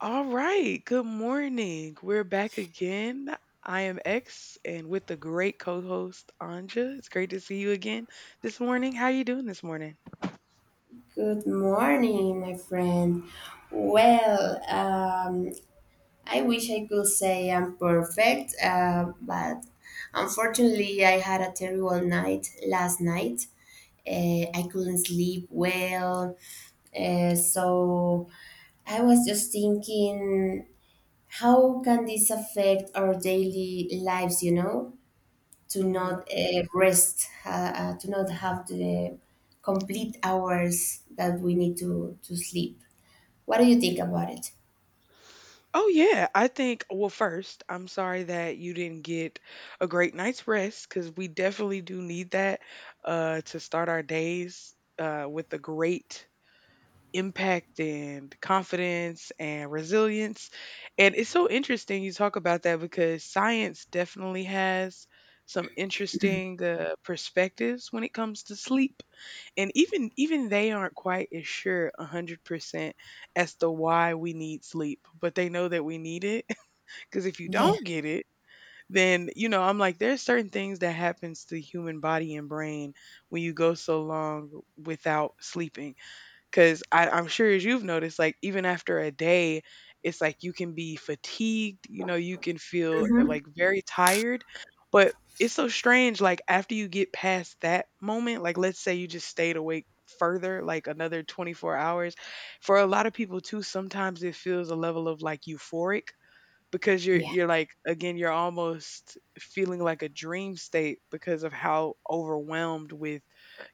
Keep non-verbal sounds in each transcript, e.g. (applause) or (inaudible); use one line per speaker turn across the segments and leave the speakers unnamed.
All right. Good morning. We're back again. I am X and with the great co-host Anja. It's great to see you again this morning. How you doing this morning?
Good morning, my friend. Well, I wish I could say I'm perfect, but unfortunately, I had a terrible night last night. Uh, I couldn't sleep well, so I was just thinking, how can this affect our daily lives? To
Mhm.
not rest, to not have the complete hours that we need to sleep. What do you think about it?
Oh yeah, I think well first, I'm sorry that you didn't get a great night's rest cuz we definitely do need that to start our days with a great impact and confidence and resilience. And it's so interesting you talk about that because science definitely has some interesting perspectives when it comes to sleep and even they aren't quite as sure 100% as to why we need sleep but they know that we need it (laughs) because if you
Yeah,
don't get it then I'm like there's certain things that happens to the human body and brain when you go so long without sleeping because I'm sure as you've noticed, like even after a day, it's like you can be fatigued, you can feel
hmm,
like very tired. But it's so strange, like after you get past that moment, like let's say you just stayed awake further, like another 24 hours. For a lot of people, too, sometimes it feels a level of like euphoric because you're
yeah,
you're like again you're almost feeling like a dream state because of how overwhelmed with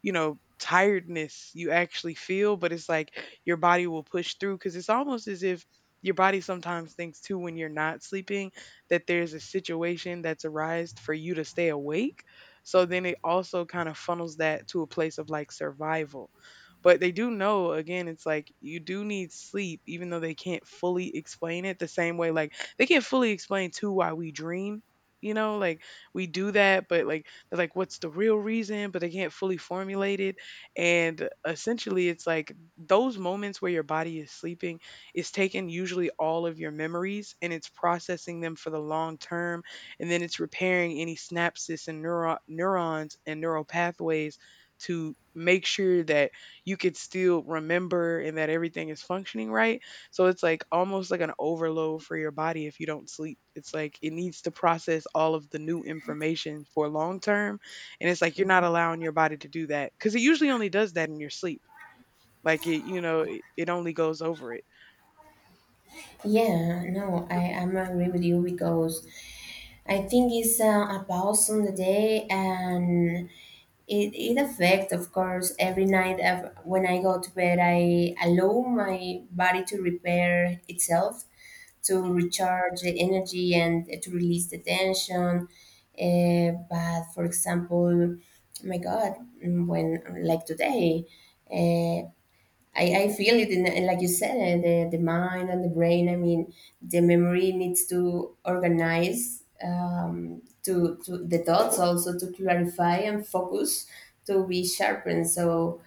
tiredness you actually feel, but it's like your body will push through because it's almost as if your body sometimes thinks too when you're not sleeping that there's a situation that's arised for you to stay awake, so then it also kind of funnels that to a place of like survival. But they do know again, it's like you do need sleep even though they can't fully explain it the same way, like they can't fully explain too why we dream. You know, like we do that, but like they're like, what's the real reason? But they can't fully formulate it. And essentially, it's like those moments where your body is sleeping is taking usually all of your memories and it's processing them for the long term. And then it's repairing any synapses and neurons and neural pathways to make sure that you could still remember and that everything is functioning right, so it's like almost like an overload for your body if you don't sleep. It's like it needs to process all of the new information for long term. And it's like you're not allowing your body to do that because it usually only does that in your sleep. Like it only goes over it.
yeah. No, I am agree with you because I think it's a pause on the day, and it affects, of course, every night. Of, when I go to bed, I allow my body to repair itself, to
hmm
recharge the energy, and to release the tension. But for example, oh my God, when like today. uh, I feel it in and like you said, the mind and the brain. I mean, the memory needs to organize, to the thoughts, also to clarify and focus, to be sharpened. So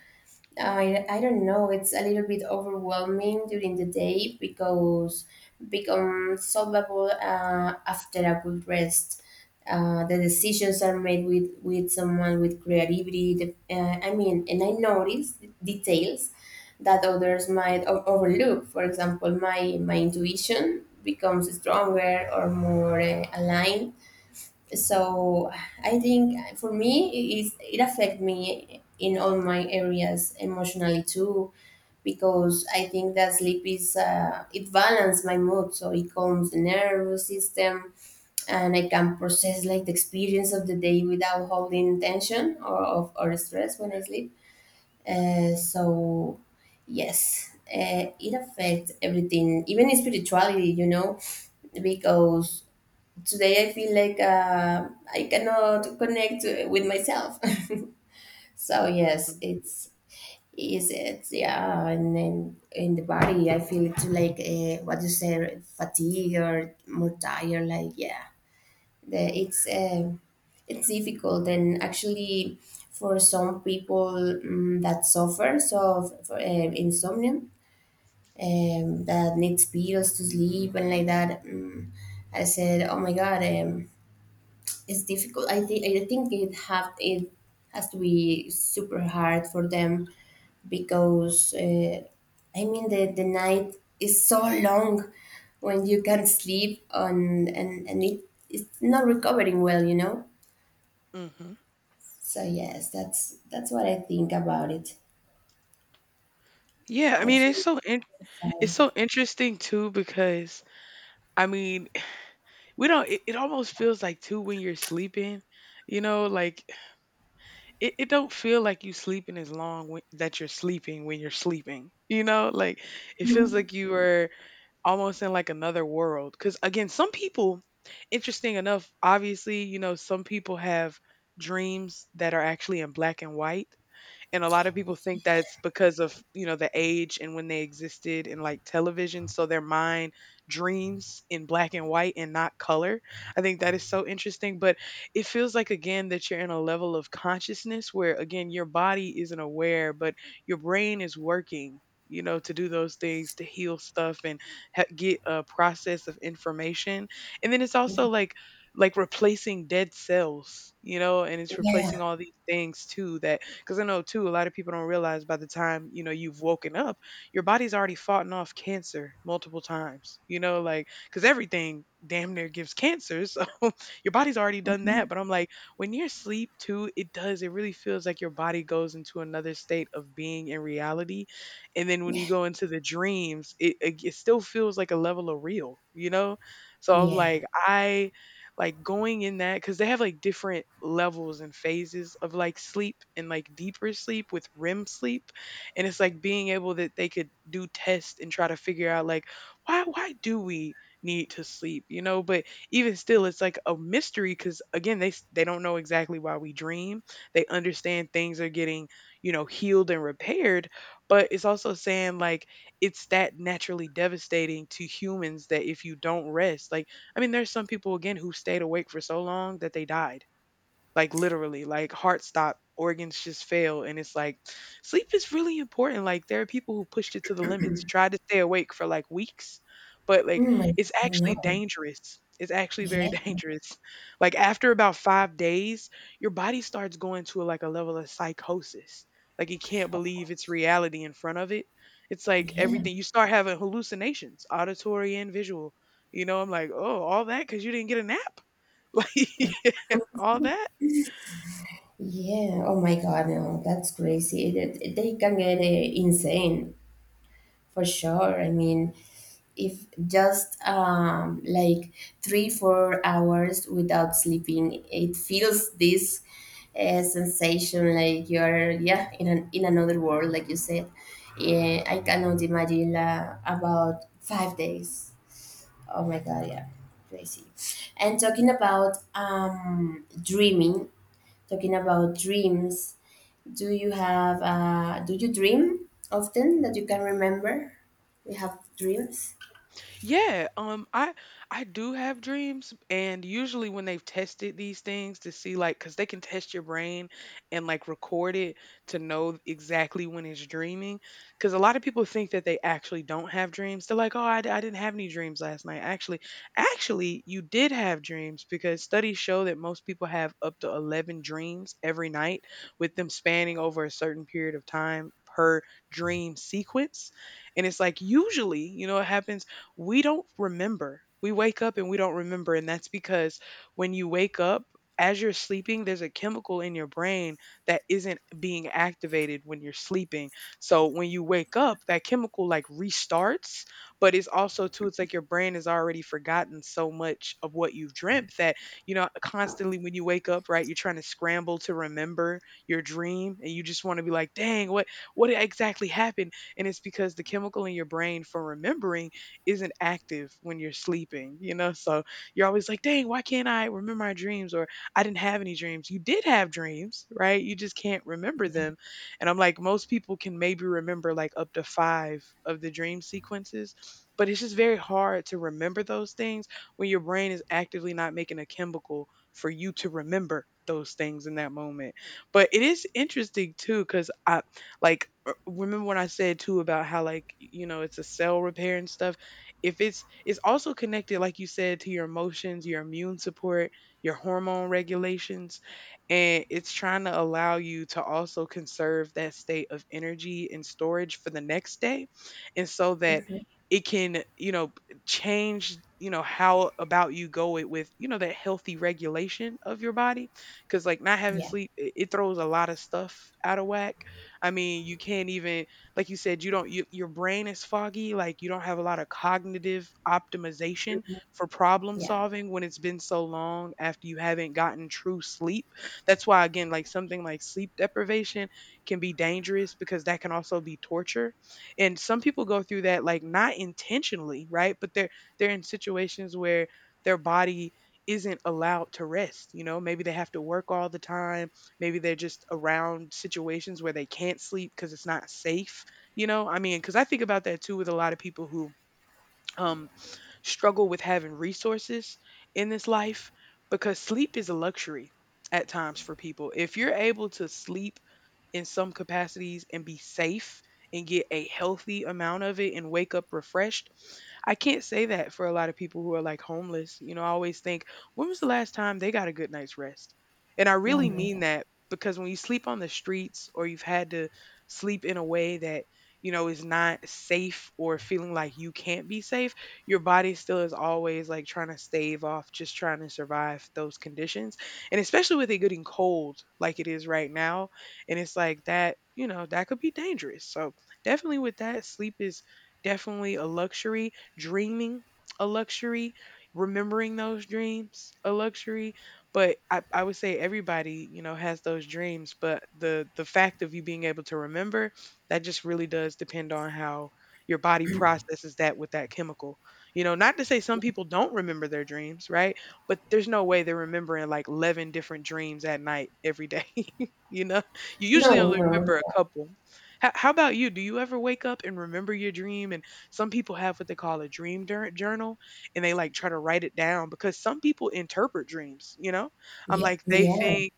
I don't know, it's a little bit overwhelming during the day because become solvable after a good rest. The decisions are made with someone with creativity, I mean, and I notice details that others might overlook. For example, my intuition becomes stronger or more aligned. So I think, for me it is it affect me in all my areas emotionally too, because I think that sleep is, it balances my mood, so it calms the nervous system and I can process like the experience of the day without holding tension or stress when I sleep. So yes, it affects everything, even spirituality, because today I feel like, I cannot connect with myself. (laughs) So yes,
hmm
it's - is it - yeah, and then in the body I feel it's like, what you say, fatigue or more tired. Like, yeah, the, it's um it's difficult, and actually for some people, that suffer, so for, insomnia, that needs pills to sleep and like that. I said, oh my God. It's difficult. I think it has to be super hard for them because, I mean the night is so long when you can't sleep on, and it's not recovering well, you know.
hmm
So yes, that's what I think about it.
Yeah, I mean
Actually,
it's
sorry.
so interesting too because I mean (sighs) we don't. It almost feels like too when you're sleeping, you know, like it, it don't feel like you sleeping as long that you're sleeping when you're sleeping, like it feels
Mhm.
like you are almost in like another world because again, some people, interesting enough, obviously, some people have dreams that are actually in black and white, and a lot of people think that's because of the age and when they existed in like television, so their mind dreams in black and white and not color. I think that is so interesting, but it feels like again that you're in a level of consciousness where again your body isn't aware, but your brain is working, to do those things, to heal stuff and get a process of information. And then it's also like replacing dead cells, and it's
Yeah.
replacing all these things too, that because I know too, a lot of people don't realize, by the time you've woken up, your body's already fought off cancer multiple times. Because everything damn near gives cancer, so (laughs) your body's already done that.
Mhm.
But I'm like, when you're asleep too, it does. It really feels like your body goes into another state of being in reality, and then when
Yeah.
you go into the dreams, it still feels like a level of real. So I'm
Yeah.
like, I like going in that because they have like different levels and phases of like sleep and like deeper sleep with REM sleep, and it's like being able that they could do tests and try to figure out like why do we need to sleep, but even still it's like a mystery because again they don't know exactly why we dream. They understand things are getting, healed and repaired, but it's also saying like it's that naturally devastating to humans that if you don't rest, like I mean, there's some people again who stayed awake for so long that they died. Like literally, like heart stop, organs just fail. And it's like sleep is really important. Like there are people who pushed it to the limits, tried to stay awake for like weeks, but
Oh my
it's
God,
actually
no.
dangerous. It's actually very (laughs)
Yeah.
dangerous. Like after about 5 days, your body starts going to like a level of psychosis. Like you can't believe it's reality in front of it. It's like
Yeah.
everything, you start having hallucinations, auditory and visual. I'm like, oh, all that because you didn't get a nap. (laughs) Like all that.
Yeah. Oh my God. No, that's crazy. They can get, insane for sure. I mean, if just like 3 4 hours without sleeping, it feels this sensation like you're, yeah, in an, in another world, like you said. Yeah, I cannot imagine, about 5 days. Oh my God. Yeah, crazy. And talking about dreaming, talking about dreams. Do you dream often that you can remember? You have dreams?
Yeah, I do have dreams, and usually when they've tested these things to see, like cuz they can test your brain and like record it to know exactly when it's dreaming, cuz a lot of people think that they actually don't have dreams. They're like, "Oh, I didn't have any dreams last night." Actually you did have dreams because studies show that most people have up to 11 dreams every night, with them spanning over a certain period of time per dream sequence. And it's like usually, it happens we don't remember. We wake up and we don't remember. And that's because when you wake up, as you're sleeping, there's a chemical in your brain that isn't being activated when you're sleeping. So when you wake up, that chemical like restarts, but it's also too, it's like your brain has already forgotten so much of what you've dreamt that, constantly when you wake up, right, you're trying to scramble to remember your dream and you just want to be like, dang, what exactly happened? And it's because the chemical in your brain for remembering isn't active when you're sleeping, you know? So you're always like, dang, why can't I remember my dreams? Or I didn't have any dreams. You did have dreams, right? You just can't remember them. And I'm like, most people can maybe remember like up to five of the dream sequences, but it's just very hard to remember those things when your brain is actively not making a chemical for you to remember those things in that moment. But it is interesting too, because I remember when I said too about how like it's a cell repair and stuff. If it's it's also connected like you said to your emotions, your immune support, your hormone regulations, and it's trying to allow you to also conserve that state of energy and storage for the next day, and so that
Hmm.
it can, change, how about you go it with, that healthy regulation of your body, because like not having
Yeah,
sleep, it throws a lot of stuff out of whack. I mean you can't even, like you said, you don't you, your brain is foggy, like you don't have a lot of cognitive optimization for problem
yeah.
solving when it's been so long after you haven't gotten true sleep. That's why again, like something like sleep deprivation can be dangerous, because that can also be torture. And some people go through that like not intentionally, right? But they're in situations where their body isn't allowed to rest, you know? Maybe they have to work all the time, maybe they're just around situations where they can't sleep because it's not safe, you know, I mean, because I think about that too with a lot of people who um, struggle with having resources in this life, because sleep is a luxury at times for people. If you're able to sleep in some capacities and be safe and get a healthy amount of it and wake up refreshed. I can't say that for a lot of people who are like homeless. You know, I always think, when was the last time they got a good night's rest? And I
Oh
really
my
mean
God.
that because when you sleep on the streets or you've had to sleep in a way that, you know, is not safe or feeling like you can't be safe, your body still is always like trying to stave off, just trying to survive those conditions. And especially with it getting cold like it is right now, and it's like that, you know, that could be dangerous. So definitely with that, sleep is definitely a luxury. Dreaming a luxury. Remembering those dreams a luxury. But I would say everybody, you know, has those dreams. But the fact of you being able to remember, that just really does depend on how your body processes that with that chemical. You know, not to say some people don't remember their dreams, right? But there's no way they're remembering like 11 different dreams at night every day, (laughs) you know? You usually
No,
only
no.
remember a couple. How about you? Do you ever wake up and remember your dream? And some people have what they call a journal, and they like try to write it down because some people interpret dreams, you know? I'm
Yeah,
like, they
yeah,
think.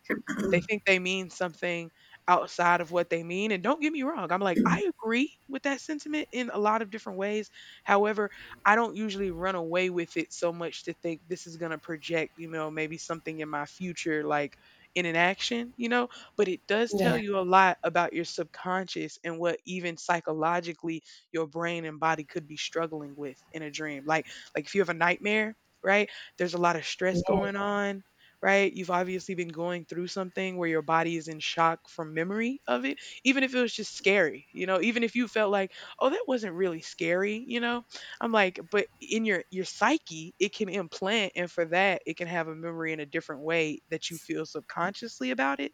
They think they mean something outside of what they mean. And don't get me wrong, I'm like, I agree with that sentiment in a lot of different ways. However, I don't usually run away with it so much to think this is going to project, you know, maybe something in my future, like in an action, you know, but it does tell
yeah,
you a lot about your subconscious and what even psychologically your brain and body could be struggling with in a dream. Like if you have a nightmare, right? There's a lot of
yeah,
stress going on, right? You've obviously been going through something where your body is in shock from memory of it, even if it was just scary, you know, even if you felt like, "Oh, that wasn't really scary," you know? I'm like, but in your psyche, it can implant, and for that, it can have a memory in a different way that you feel subconsciously about it.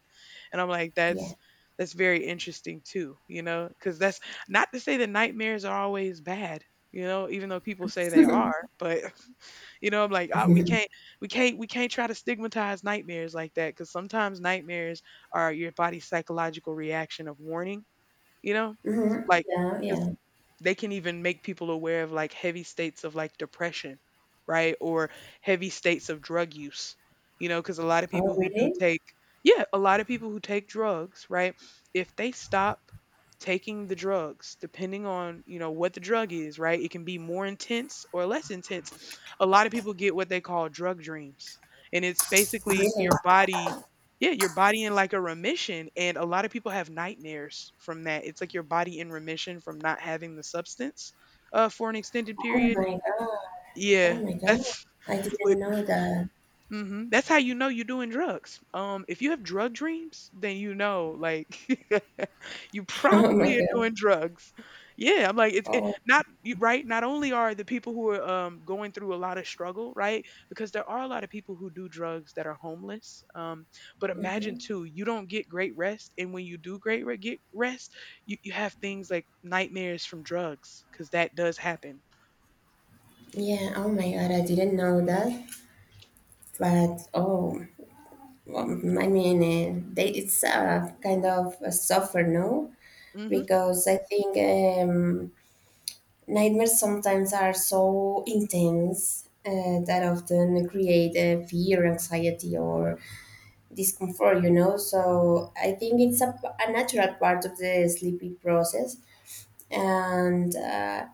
And I'm like, that's
yeah.
that's very interesting too, you know, because that's not to say that nightmares are always bad, you know, even though people say they are, but (laughs) you know, I'm like, oh, we
(laughs)
can't, we can't, we can't try to stigmatize nightmares like that because sometimes nightmares are your body's psychological reaction of warning, you know?
Hmm.
Like,
Yeah,
because
yeah.
they can even make people aware of like heavy states of like depression, right? Or heavy states of drug use, you know? Because a lot of
Oh,
people who do
really?
take, yeah, a lot of people who take drugs, right? If they stop taking the drugs, depending on, you know, what the drug is, right? It can be more intense or less intense. A lot of people get what they call drug dreams. And it's basically
Really?
your body, yeah, your body in like a remission, and a lot of people have nightmares from that. It's like your body in remission from not having the substance for an extended
Oh
period.
my God. Oh
Yeah,
my God.
that's
I didn't
(laughs)
know that.
hmm, that's how you know you're doing drugs. If you have drug dreams, then you know, like, (laughs) you
(laughs) Oh my
probably are doing
God.
drugs. Yeah, I'm like it's it,
Oh.
not right. Not only are the people who are going through a lot of struggle, right? Because there are a lot of people who do drugs that are homeless. But imagine
Mhm.
too, you don't get great rest, and when you do get rest, you have things like nightmares from drugs, because that does happen.
Yeah, oh my God, I didn't know that. But oh, I mean, it's a kind of a suffer, no?
Hmm.
Because I think, nightmares sometimes are so intense, that often create, fear, anxiety, or discomfort, you know. So I think it's a natural part of the sleeping process. And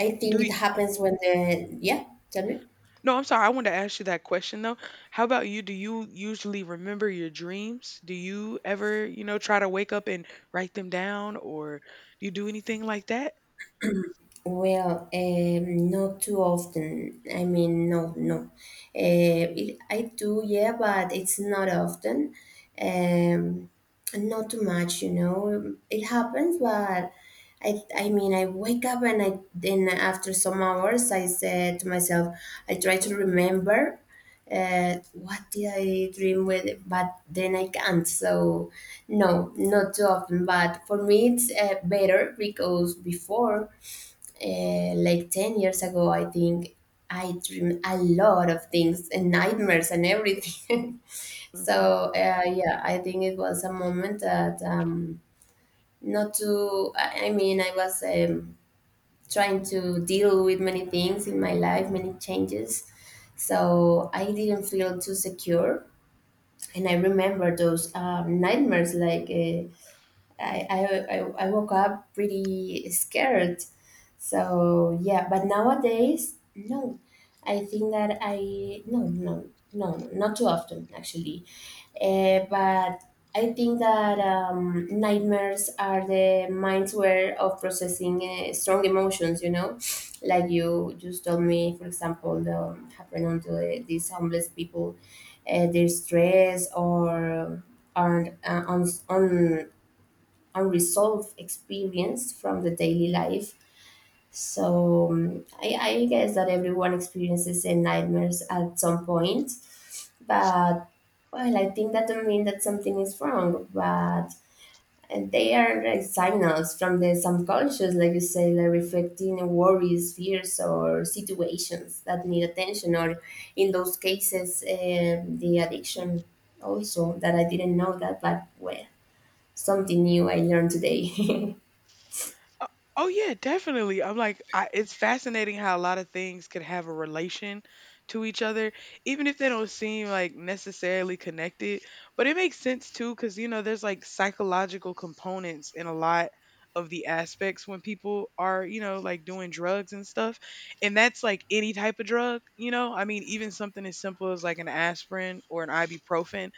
I
Do
think it happens when yeah, tell me.
No, I'm sorry. I wanted to ask you that question though. How about you? Do you usually remember your dreams? Do you ever, you know, try to wake up and write them down or do you do anything like that?
Well, not too often. I mean, no, no. I do, yeah, but it's not often. Um, Not too much, you know. It happens, but I mean, I wake up and I then after some hours, I said to myself, I try to remember, what did I dream with? But then I can't. So, no, not too often. But for me, it's, better because before, like 10 years ago, I think I dream a lot of things and nightmares and everything. (laughs)
Hmm.
So yeah, I think it was a moment that, not to I mean, I was, trying to deal with many things in my life, many changes, so I didn't feel too secure. And I remember those, nightmares, like, I, I, I I woke up pretty scared. So yeah, but nowadays, no. I think that I, no, no, no, no, not too often actually. But I think that, nightmares are the mind's way of processing, strong emotions. You know, like you just told me, for example, the happened onto, these homeless people, their stress or, aren't, on, unresolved experience from the daily life. So I guess that everyone experiences, nightmares at some point, but well, I think that don't mean that something is wrong, but and they are like signals from the subconscious, like you say, like reflecting worries, fears, or situations that need attention, or in those cases, the addiction, also that I didn't know that, but well, something new I learned today. (laughs)
Oh, oh, yeah, definitely. I'm like, I, it's fascinating how a lot of things could have a relation to each other, even if they don't seem like necessarily connected. But it makes sense too, because you know, there's like psychological components in a lot of the aspects when people are, you know, like doing drugs and stuff. And that's like any type of drug, you know? I mean, even something as simple as like an aspirin or an ibuprofen,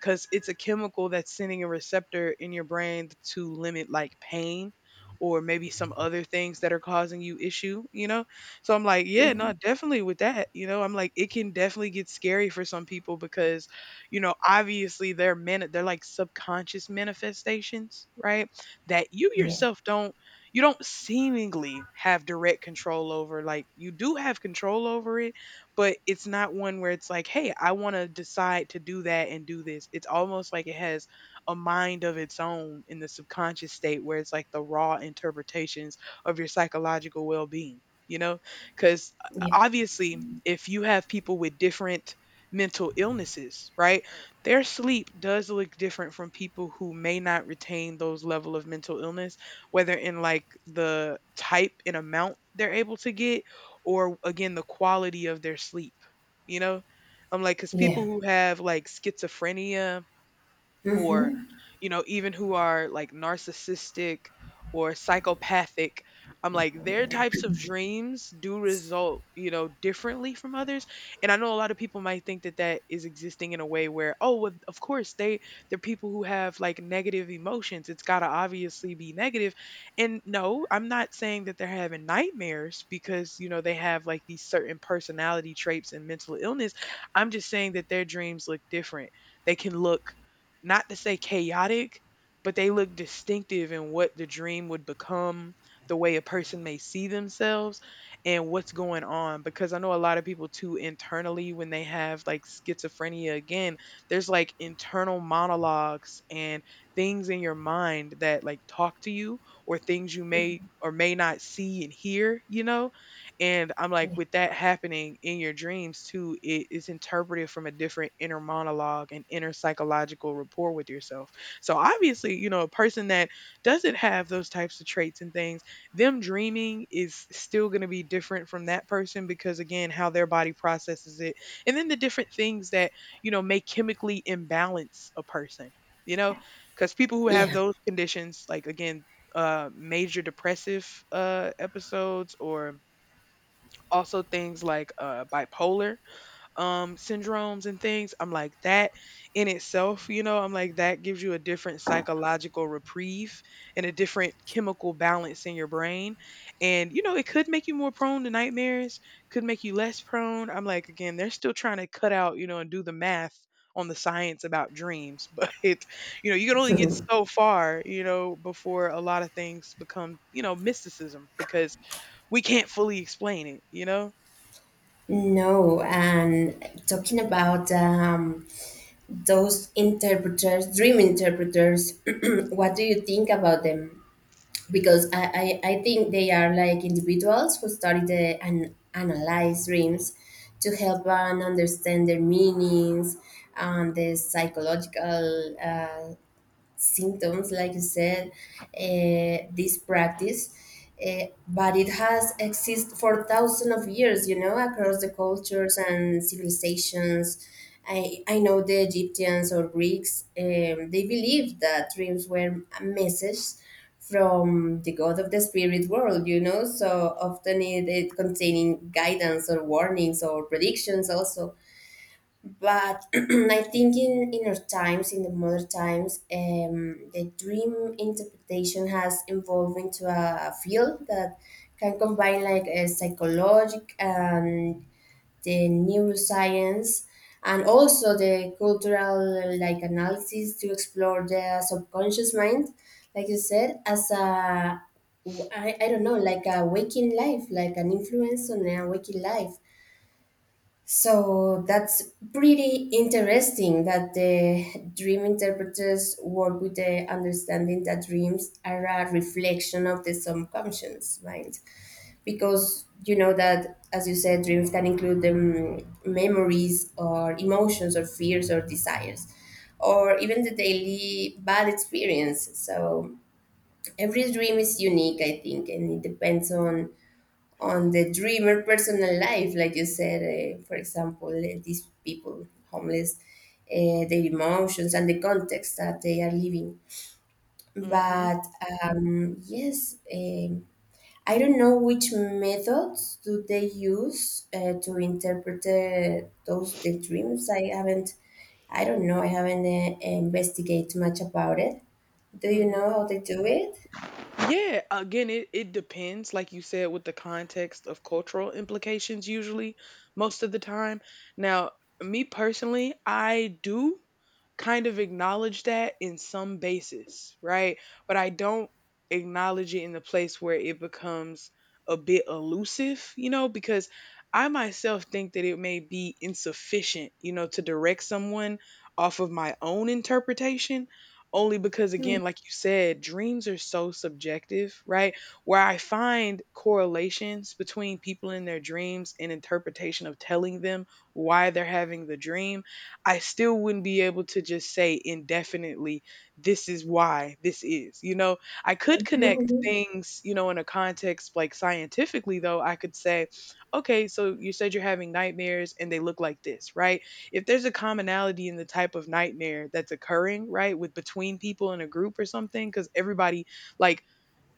because it's a chemical that's sending a receptor in your brain to limit like pain or maybe some other things that are causing you issue, you know? So I'm like, yeah, no,
Mhm.
definitely with that, you know? I'm like, it can definitely get scary for some people because, you know, obviously they're like subconscious manifestations, right? That you
Yeah,
yourself don't, you don't seemingly have direct control over. Like you do have control over it, but it's not one where it's like, hey, I want to decide to do that and do this. It's almost like it has a mind of its own in the subconscious state where it's like the raw interpretations of your psychological well-being, you know, because
yeah,
obviously if you have people with different mental illnesses, right, their sleep does look different from people who may not retain those level of mental illness, whether in like the type and amount they're able to get, or again the quality of their sleep, you know. I'm like, because people
yeah.
who have like schizophrenia, or
Hmm.
you know, even who are like narcissistic or psychopathic, I'm like their types of dreams do result, you know, differently from others. And I know a lot of people might think that that is existing in a way where, oh well, of course they, they're people who have like negative emotions, it's got to obviously be negative. And no, I'm not saying that they're having nightmares because you know they have like these certain personality traits and mental illness. I'm just saying that their dreams look different. They can look, not to say chaotic, but they look distinctive in what the dream would become, the way a person may see themselves, and what's going on. Because I know a lot of people too internally, when they have like schizophrenia again, there's like internal monologues and things in your mind that like talk to you or things you
Yeah.
may or may not see and hear, you know? And I'm like, with that happening in your dreams too, it is interpreted from a different inner monologue and inner psychological rapport with yourself. So obviously, you know, a person that doesn't have those types of traits and things, them dreaming is still going to be different from that person because again, how their body processes it. And then the different things that, you know, may chemically imbalance a person. You know, because people who have
Yeah.
those conditions, like again, major depressive episodes, or also things like bipolar syndromes and things. I'm like that in itself, you know, I'm like that gives you a different psychological reprieve and a different chemical balance in your brain. And, you know, it could make you more prone to nightmares, could make you less prone. I'm like, again, they're still trying to cut out, you know, and do the math on the science about dreams. (laughs) But, it, you know, you can only get
(laughs)
so far, you know, before a lot of things become, you know, mysticism because we can't fully explain it, you know?
No, and talking about, those interpreters, dream interpreters, (clears throat) what do you think about them? Because I think they are like individuals who study and analyze dreams to help one understand their meanings and the psychological, symptoms, like you said, this practice. But it has existed for thousands of years, you know, across the
Mm-hmm.
cultures and civilizations. I know the Egyptians or Greeks, they believed that dreams were a message from the god of the spirit world, you know, so often, it containing guidance or warnings or predictions also, but (clears throat) I think in inner times, in the modern times, the dream interpretation has evolved into a field that can combine like a psychologic and the neuroscience and also the cultural like analysis to explore the subconscious mind, like you said, as a, I don't know, like a waking life, like an influence on a waking life. So that's pretty interesting that the dream interpreters work with the understanding that dreams are a reflection of the subconscious mind. Because you know that, as you said, dreams can include, memories or emotions or fears or desires, or even the daily bad experience. So every dream is unique, I think, and it depends on the dreamer personal life, like you said, for example, these people homeless, their emotions and the context that they are living.
Mm-hmm.
But, yes, I don't know which methods do they use, to interpret, those the dreams. I haven't, I don't know. I haven't, investigated much about it. Do you
Mm-hmm.
know how they do it?
Yeah, again, it depends, like you said, with the context of cultural implications, usually, most of the time. Now, me personally, I do kind of acknowledge that in some basis, right? But I don't acknowledge it in the place where it becomes a bit elusive, because I myself think that it may be insufficient, to direct someone off of my own interpretation only because, again, like you said, dreams are so subjective, right? Where I find correlations between people in their dreams and interpretation of telling them why they're having the dream, I still wouldn't be able to just say indefinitely this is why this is, I could connect
Mhm,
things, in a context, like scientifically, though. I could say, okay, so you said you're having nightmares and they look like this, right? If there's a commonality in the type of nightmare that's occurring, right, with between people in a group or something, because everybody, like,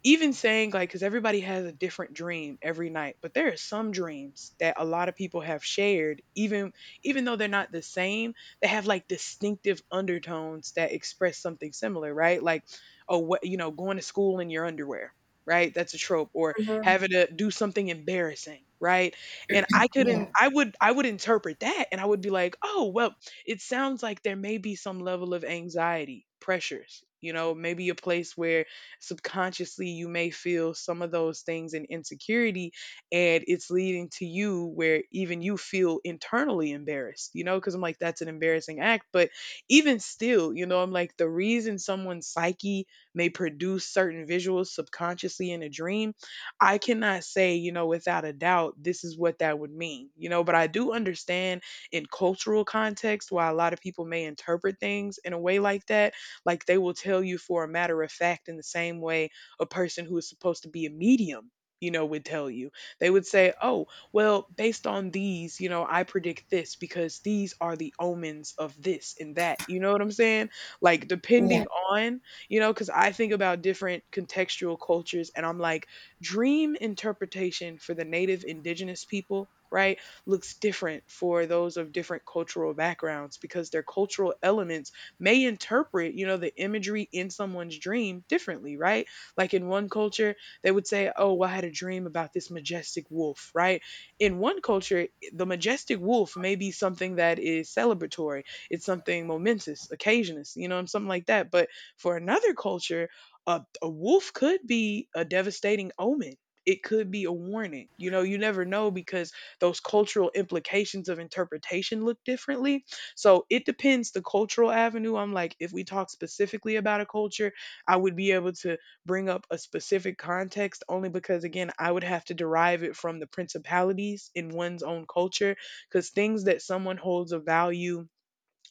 even saying, like, because everybody has a different dream every night, but there are some dreams that a lot of people have shared. Even even though they're not the same, they have, like, distinctive undertones that express something similar, right? Like, oh, what going to school in your underwear, right? That's a trope, or
mhm.
having to do something embarrassing, right? And I couldn't
Yeah,
I would interpret that and I would be like, oh, well, it sounds like there may be some level of anxiety pressures, maybe a place where subconsciously you may feel some of those things and insecurity, and it's leading to you where even you feel internally embarrassed, because I'm like, that's an embarrassing act. But even still, I'm like, the reason someone's psyche may produce certain visuals subconsciously in a dream, I cannot say, without a doubt, this is what that would mean, but I do understand in cultural context why a lot of people may interpret things in a way like that. Like, they will tell you for a matter of fact, in the same way a person who is supposed to be a medium, would tell you. They would say, oh, well, based on these, I predict this because these are the omens of this and that. You know what I'm saying? Like, depending
yeah,
on, because I think about different contextual cultures, and I'm like, dream interpretation for the native indigenous people, right, looks different for those of different cultural backgrounds, because their cultural elements may interpret, the imagery in someone's dream differently, right? Like, in one culture, they would say, oh, well, I had a dream about this majestic wolf, right? In one culture, the majestic wolf may be something that is celebratory, it's something momentous, occasionous, something like that. But for another culture, a wolf could be a devastating omen. It could be a warning. You know, you never know, because those cultural implications of interpretation look differently, so it depends the cultural avenue. I'm like, if we talk specifically about a culture, I would be able to bring up a specific context, only because, again, I would have to derive it from the principalities in one's own culture, because things that someone holds of value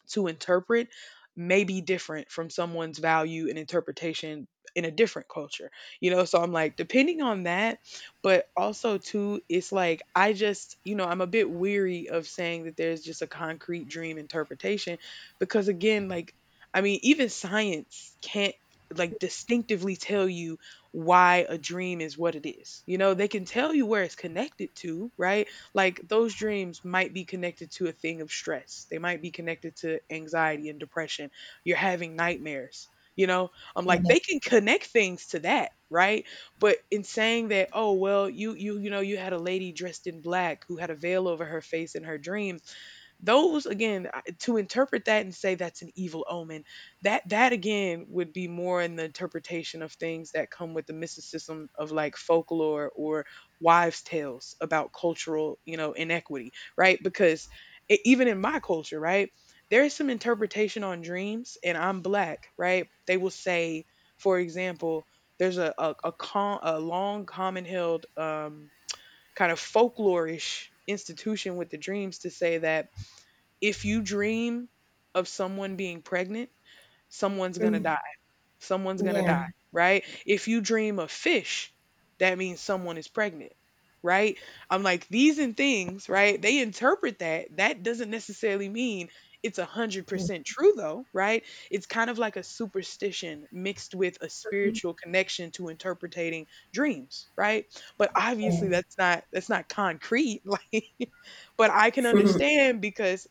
to interpret may be different from someone's value and interpretation in a different culture, you know? So I'm like, depending on that. But also too, it's like, I just, I'm a bit weary of saying that there's just a concrete dream interpretation, because again, like, I mean, even science can't, like, distinctively tell you why a dream is what it is. You know, they can tell you where it's connected to, right? Like, those dreams might be connected to a thing of stress. They might be connected to anxiety and depression. You're having nightmares. You know, I'm like,
yeah.
they can connect things to that, right? But in saying that, oh, well, you know, you had a lady dressed in black who had a veil over her face in her dream, those, again, to interpret that and say that's an evil omen, that again would be more in the interpretation of things that come with the mysticism of, like, folklore or wives' tales about cultural, inequity, right? Because even in my culture, right, there is some interpretation on dreams, and I'm black, right? They will say, for example, there's a long common held kind of folklorish institution with the dreams to say that if you dream of someone being pregnant, someone's gonna
Mhm.
die, someone's gonna die,
Yeah.
right? If you dream of fish, that means someone is pregnant, right? I'm like, these and things, right? They interpret that. That doesn't necessarily mean it's 100% true though, right? It's kind of like a superstition mixed with a spiritual connection to interpreting dreams, right? But
Yeah.
obviously that's not concrete. (laughs) Like, but I can
(laughs)
understand, because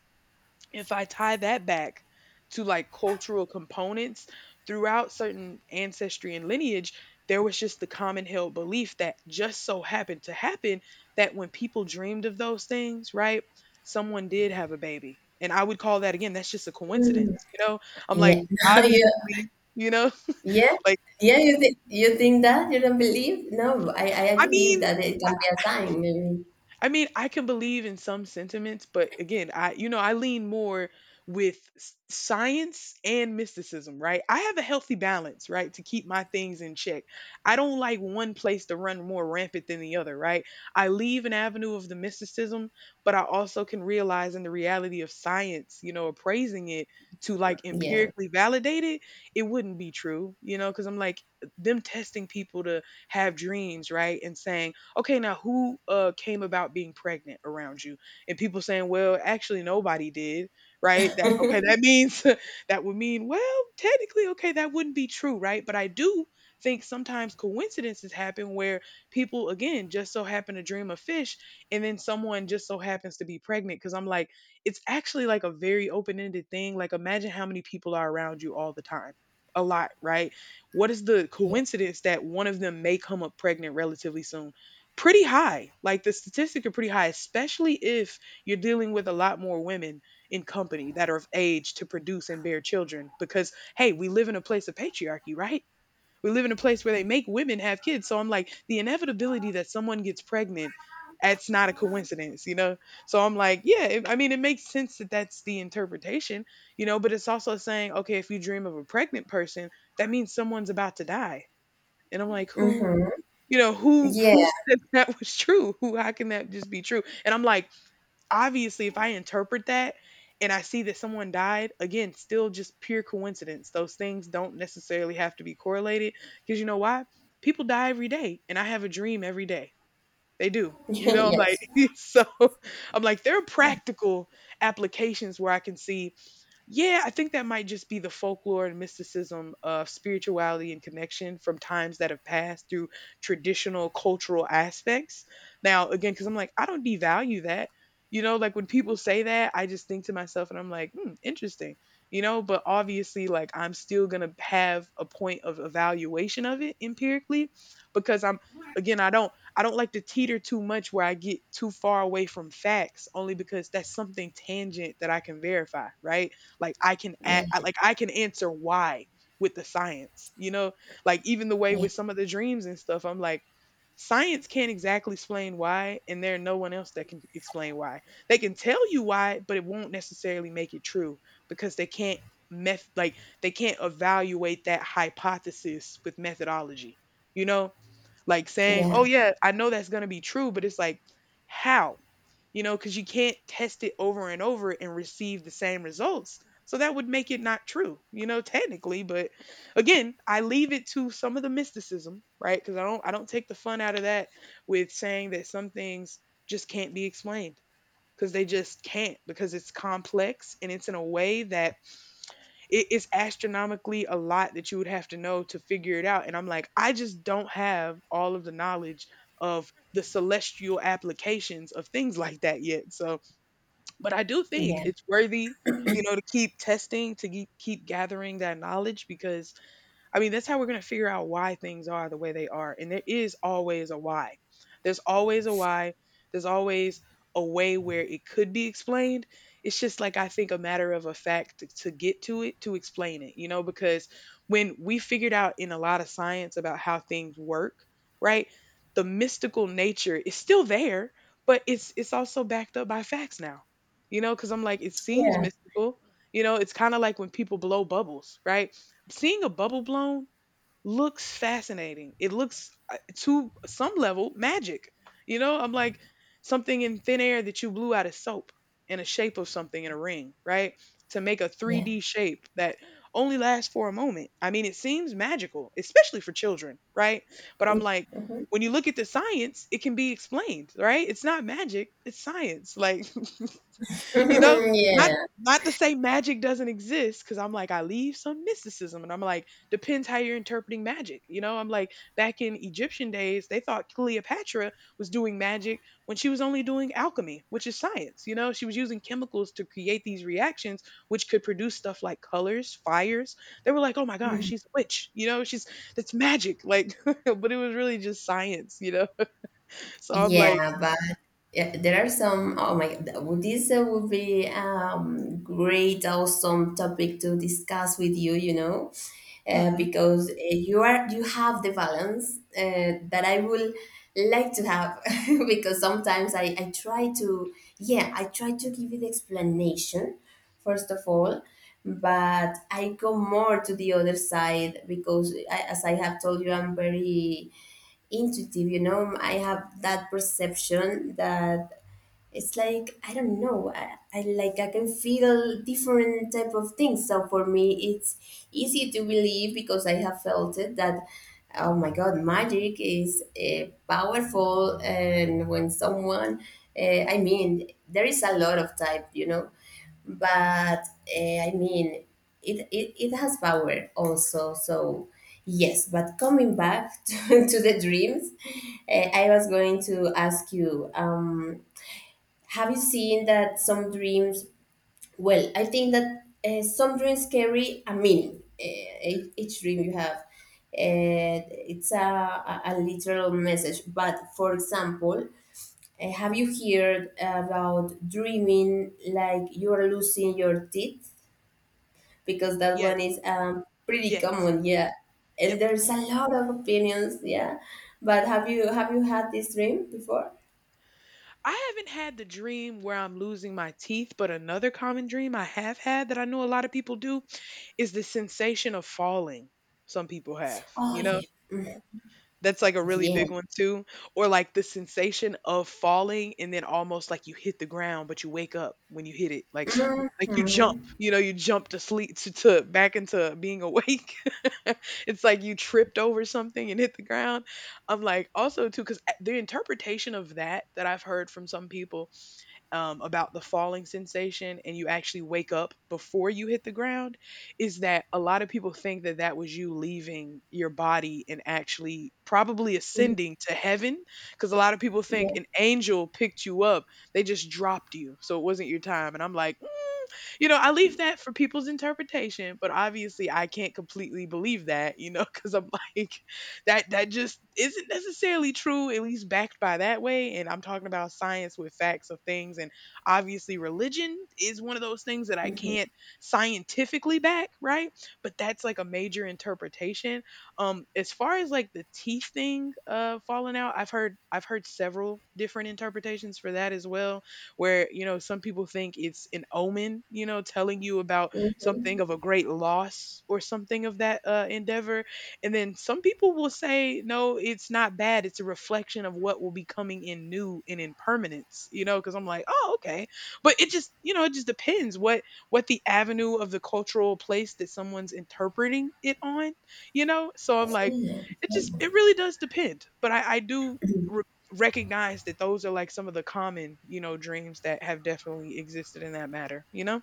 if I tie that back to, like, cultural components throughout certain ancestry and lineage, there was just the common held belief that just so happened to happen, that when people dreamed of those things, right, someone did have a baby. And I would call that, again, that's just a coincidence, you know? I'm
Yeah.
like,
(laughs) Yeah.
obviously, you know,
Yeah.
(laughs) like,
Yeah. You think that you don't believe? No, I
I
believe
mean,
that it can be a sign. Maybe.
I mean, I can believe in some sentiments, but again, I you know, I lean more with science and mysticism, right? I have a healthy balance, right, to keep my things in check. I don't like one place to run more rampant than the other, right? I leave an avenue of the mysticism, but I also can realize in the reality of science, appraising it to, like,
Yeah.
empirically validate it, it wouldn't be true, because I'm like, them testing people to have dreams, right? And saying, okay, now who came about being pregnant around you, and people saying, well, actually nobody did, right? That okay, that means, (laughs) that would mean, well, technically, okay, that wouldn't be true, right? But I do think sometimes coincidences happen where people, again, just so happen to dream of fish, and then someone just so happens to be pregnant, because I'm like, it's actually like a very open-ended thing. Like, imagine how many people are around you all the time. A lot, right? What is the
Yeah.
coincidence that one of them may come up pregnant relatively soon? Pretty high. Like, the statistics are pretty high, especially if you're dealing with a lot more women in company that are of age to produce and bear children. Because, hey, we live in a place of patriarchy, right? We live in a place where they make women have kids. So I'm like, the inevitability that someone gets pregnant, that's not a coincidence, you know? So I'm like, yeah, it, I mean, it makes sense that that's the interpretation, you know? But it's also saying, okay, if you dream of a pregnant person, that means someone's about to die. And I'm like, who, you know, who
Yeah.
who said (laughs) that was true? Who how can that just be true? And I'm like, obviously, if I interpret that and I see that someone died, again, still just pure coincidence. Those things don't necessarily have to be correlated, because you know why? People die every day and I have a dream every day. They do.
(laughs)
You know, I'm like,
Yes.
(laughs) so I'm like, there are
Yeah.
practical applications where I can see, yeah, I think that might just be the folklore and mysticism of spirituality and connection from times that have passed through traditional cultural aspects. Now, again, because I'm like, I don't devalue that. You know, like when people say that, I just think to myself and I'm like, hmm, interesting. You know, but obviously, like, I'm still going to have a point of evaluation of it empirically, because I'm, again, I don't. I don't like to teeter too much where I get too far away from facts, only because that's something tangent that I can verify, right? Like, I can a-
Yeah.
I- like I can answer why with the science, you know, like, even the way
Yeah.
with some of the dreams and stuff, I'm like, science can't exactly explain why, and there no one else that can explain why. They can tell you why, but it won't necessarily make it true, because they can't, meth like they can't evaluate that hypothesis with methodology, you know, like saying, "Oh,
Yeah.
yeah, I know that's going to be true," but it's like, how? You know, cuz you can't test it over and over and receive the same results. So that would make it not true, you know, technically. But again, I leave it to some of the mysticism, right? Cuz I don't take the fun out of that with saying that some things just can't be explained, because they just can't, because it's complex and it's in a way that, it's astronomically a lot that you would have to know to figure it out. And I'm like, I just don't have all of the knowledge of the celestial applications of things like that yet. So, but I do think
Yeah.
it's worthy, you know, to keep testing, to keep gathering that knowledge, because I mean, that's how we're going to figure out why things are the way they are. And there is always a why. There's always a why. There's always a way where it could be explained. It's just like, I think, a matter of a fact to get to it, to explain it, you know, because when we figured out in a lot of science about how things work, right? The mystical nature is still there, but it's also backed up by facts now. You know, cuz I'm like, it seems
Yeah.
mystical, you know. It's kind of like when people blow bubbles, right? Seeing a bubble blown looks fascinating. It looks, to some level, magic. You know, I'm like, something in thin air that you blew out of soap in a shape of something in a ring, right? To make a
Yeah. Yeah.
3D shape that only lasts for a moment. I mean, it seems magical, especially for children, right? But I'm like, when you look at the science, it can be explained, right? It's not magic, it's science. Like, you know?
(laughs)
Not
Yeah.
Not to say magic doesn't exist, because I'm like, I leave some mysticism. And I'm like, depends how you're interpreting magic. You know, I'm like, back in Egyptian days, they thought Cleopatra was doing magic when she was only doing alchemy, which is science. You know, she was using chemicals to create these reactions, which could produce stuff like colors, fires. They were like, oh my gosh, she's a witch. You know, she's, that's magic. Like, (laughs) but it was really just science, you know? (laughs) So I'm like,
Yeah, but yeah, there are some. Oh my God, well, this, would be, great, awesome topic to discuss with you. You know,
mm
because, you have the balance, that I will like to have. (laughs) Because sometimes I try to, yeah, I try to give you the explanation first of all, but I go more to the other side because I, as I have told you, I'm very intuitive, you know. I have that perception that it's like, I don't know, I like I can feel different type of things. So for me it's easy to believe because I have felt it, that oh my God, magic is, powerful. And when someone, I mean, there is a lot of type, you know, but, I mean, it has power also, so yes, but coming back (laughs) to the dreams. I was going to ask you, have you seen that some dreams? Well, I think that, some dreams carry a meaning. Each dream you have, uh, it's a literal message. But for example, have you heard about dreaming like you are losing your teeth? Because that one is,
yes,
pretty
yes,
common, yeah.
yep.
And there's a lot of opinions, yeah. But have you had this dream before?
I haven't had the dream where I'm losing my teeth, but another common dream I have had that I know a lot of people do is the sensation of falling. Some people have, you know?
Oh
That's like a really
yeah,
big one too. Or like the sensation of falling and then almost like you hit the ground, but you wake up when you hit it. Like
mm-hmm,
(gasps) (sniffs) like you jump,
mm-hmm,
you know, you jump to sleep to, back into being awake. (laughs) It's like you tripped over something and hit the ground. I'm like also too cuz the interpretation of that I've heard from some people about the falling sensation and you actually wake up before you hit the ground is that a lot of people think that that was you leaving your body and actually probably
yeah.
ascending to heaven because a lot of people think
Hmm.
an angel picked you up, they just dropped you so it wasn't your time. And I'm like, you know, I leave that for people's interpretation, but obviously I can't completely believe that, you know, (laughs) because I'm like, that just isn't necessarily true, at least backed by that way. And I'm talking about science with facts of things, and obviously religion is one of those things that I can't
Mhm,
scientifically back, right? But that's like a major interpretation. As far as like the teeth thing falling out, I've heard several different interpretations for that as well where, you know, some people think it's an omen, you know, telling you about something
mhm.
of a great loss or something of that endeavor. And then some people will say, no, it's not bad. It's a reflection of what will be coming in new and in permanence, you know, because I'm like, oh, okay. But it just, you know, it just depends what the avenue of the cultural place that someone's interpreting it on, you know? So I'm like,
Yeah,
it
yeah.
just, it really does depend. But I do recognize that those are like some of the common, you know, dreams that have definitely existed in that matter, you know?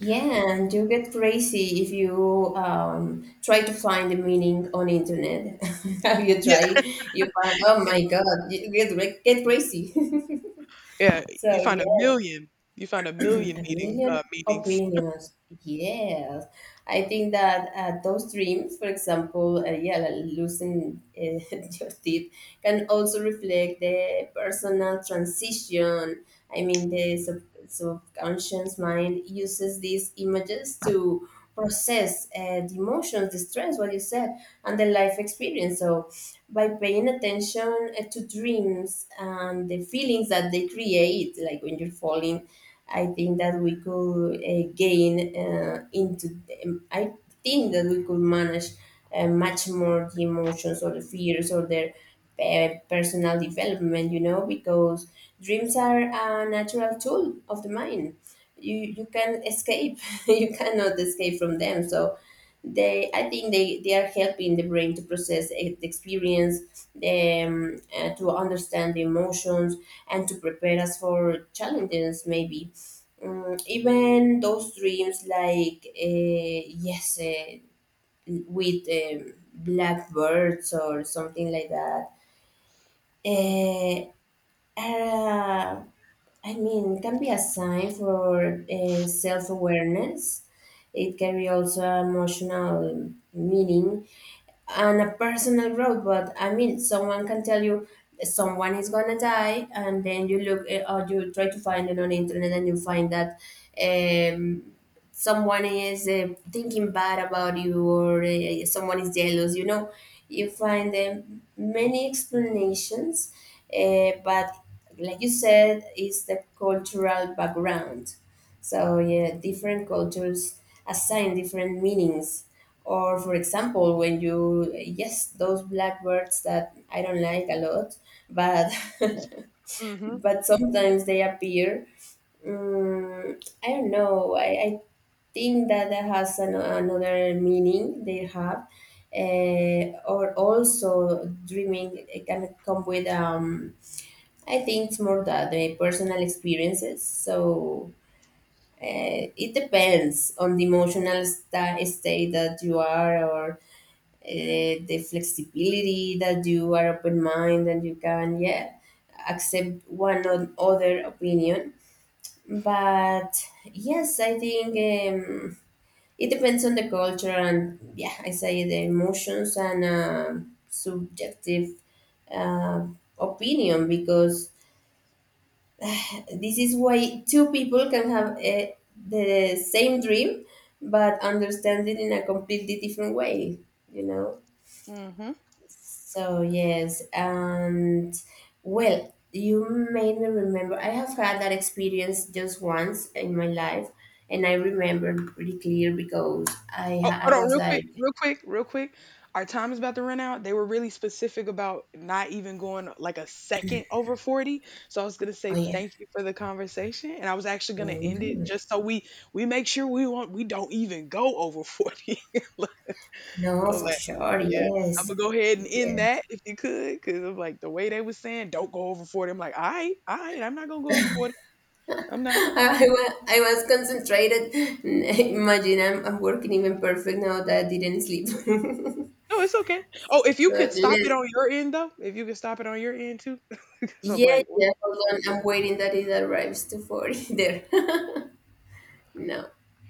Yeah, and you get crazy if you, try to find the meaning on internet. (laughs) You
Yeah,
try, you find, oh my God, you get, like, get crazy.
yeah.
(laughs) So
You find a
yes,
million, you find a million
a
meeting
million
meanings.
opinions. Yes, I think that, those dreams, for example, yeah, like losing, (laughs) your teeth, can also reflect the personal transition. I mean, the subconscious mind uses these images to process, the emotions, the stress, what you said, and the life experience. So, by paying attention, to dreams and the feelings that they create, like when you're falling, I think that we could, gain into. I think that we could manage, much more the emotions or the fears or their, personal development. You know, because dreams are a natural tool of the mind. You can escape. (laughs) You cannot escape from them. So they I think they are helping the brain to process, the experience, to understand the emotions and to prepare us for challenges maybe. Mm, even those dreams like, yes, with, blackbirds or something like that,
Mhm,
eh, uh, are, I mean, can be a sign for, self-awareness. It can be also emotional meaning and a personal growth. But I mean, someone can tell you someone is gonna die and then you look, or you try to find it on the internet and you find that, um someone is, thinking bad about you, or, someone is jealous. You know, you find, many explanations, but like you said, it's the cultural background. So, yeah, different cultures assign different meanings. Or, for example, when you, yes, those blackbirds that I don't like a lot, but (laughs)
mhm,
but sometimes they appear. Um, I don't know. I think that that has another meaning they have. Or also, dreaming it can come with, I think it's more that the personal experiences. So it depends on the emotional state that you are, or, the flexibility that you are open mind and you can, yeah, accept one or other opinion. But yes, I think, it depends on the culture, and yeah, I say the emotions and subjective, uh, opinion, because this is why two people can have the same dream but understand it in a completely different way, you know.
mhm.
So yes, and well, you made me remember. I have had that experience just once in my life, and I remember pretty clear because
Oh, hold
I
on,
was
real quick,
like,
real quick, real quick. Our time is about to run out. They were really specific about not even going like a second over 40. So I was gonna
oh
say
yeah,
thank you for the conversation, and I was actually gonna end it
mm,
just so we make sure we don't even go over 40. (laughs) I
no,
was
for
like,
sure,
yeah, Imma
yes,
go ahead and end
yes.
that if you could, because 'cause I'm like, the way they was saying, "Don't go over 40." I'm like, "Alright, alright, I'm not gonna go over 40. I'm
(laughs)
not
I was concentrated. (laughs) Imagine I'm working even perfect now that I didn't sleep. (laughs) So,
no, it's okay." Oh, if you could stop it
let,
on your end though, if you could stop it on your end too, (laughs) because 'cause I'm
yeah,
like
yeah, hold on, I'm waiting that it arrives to 40 there. (laughs) No.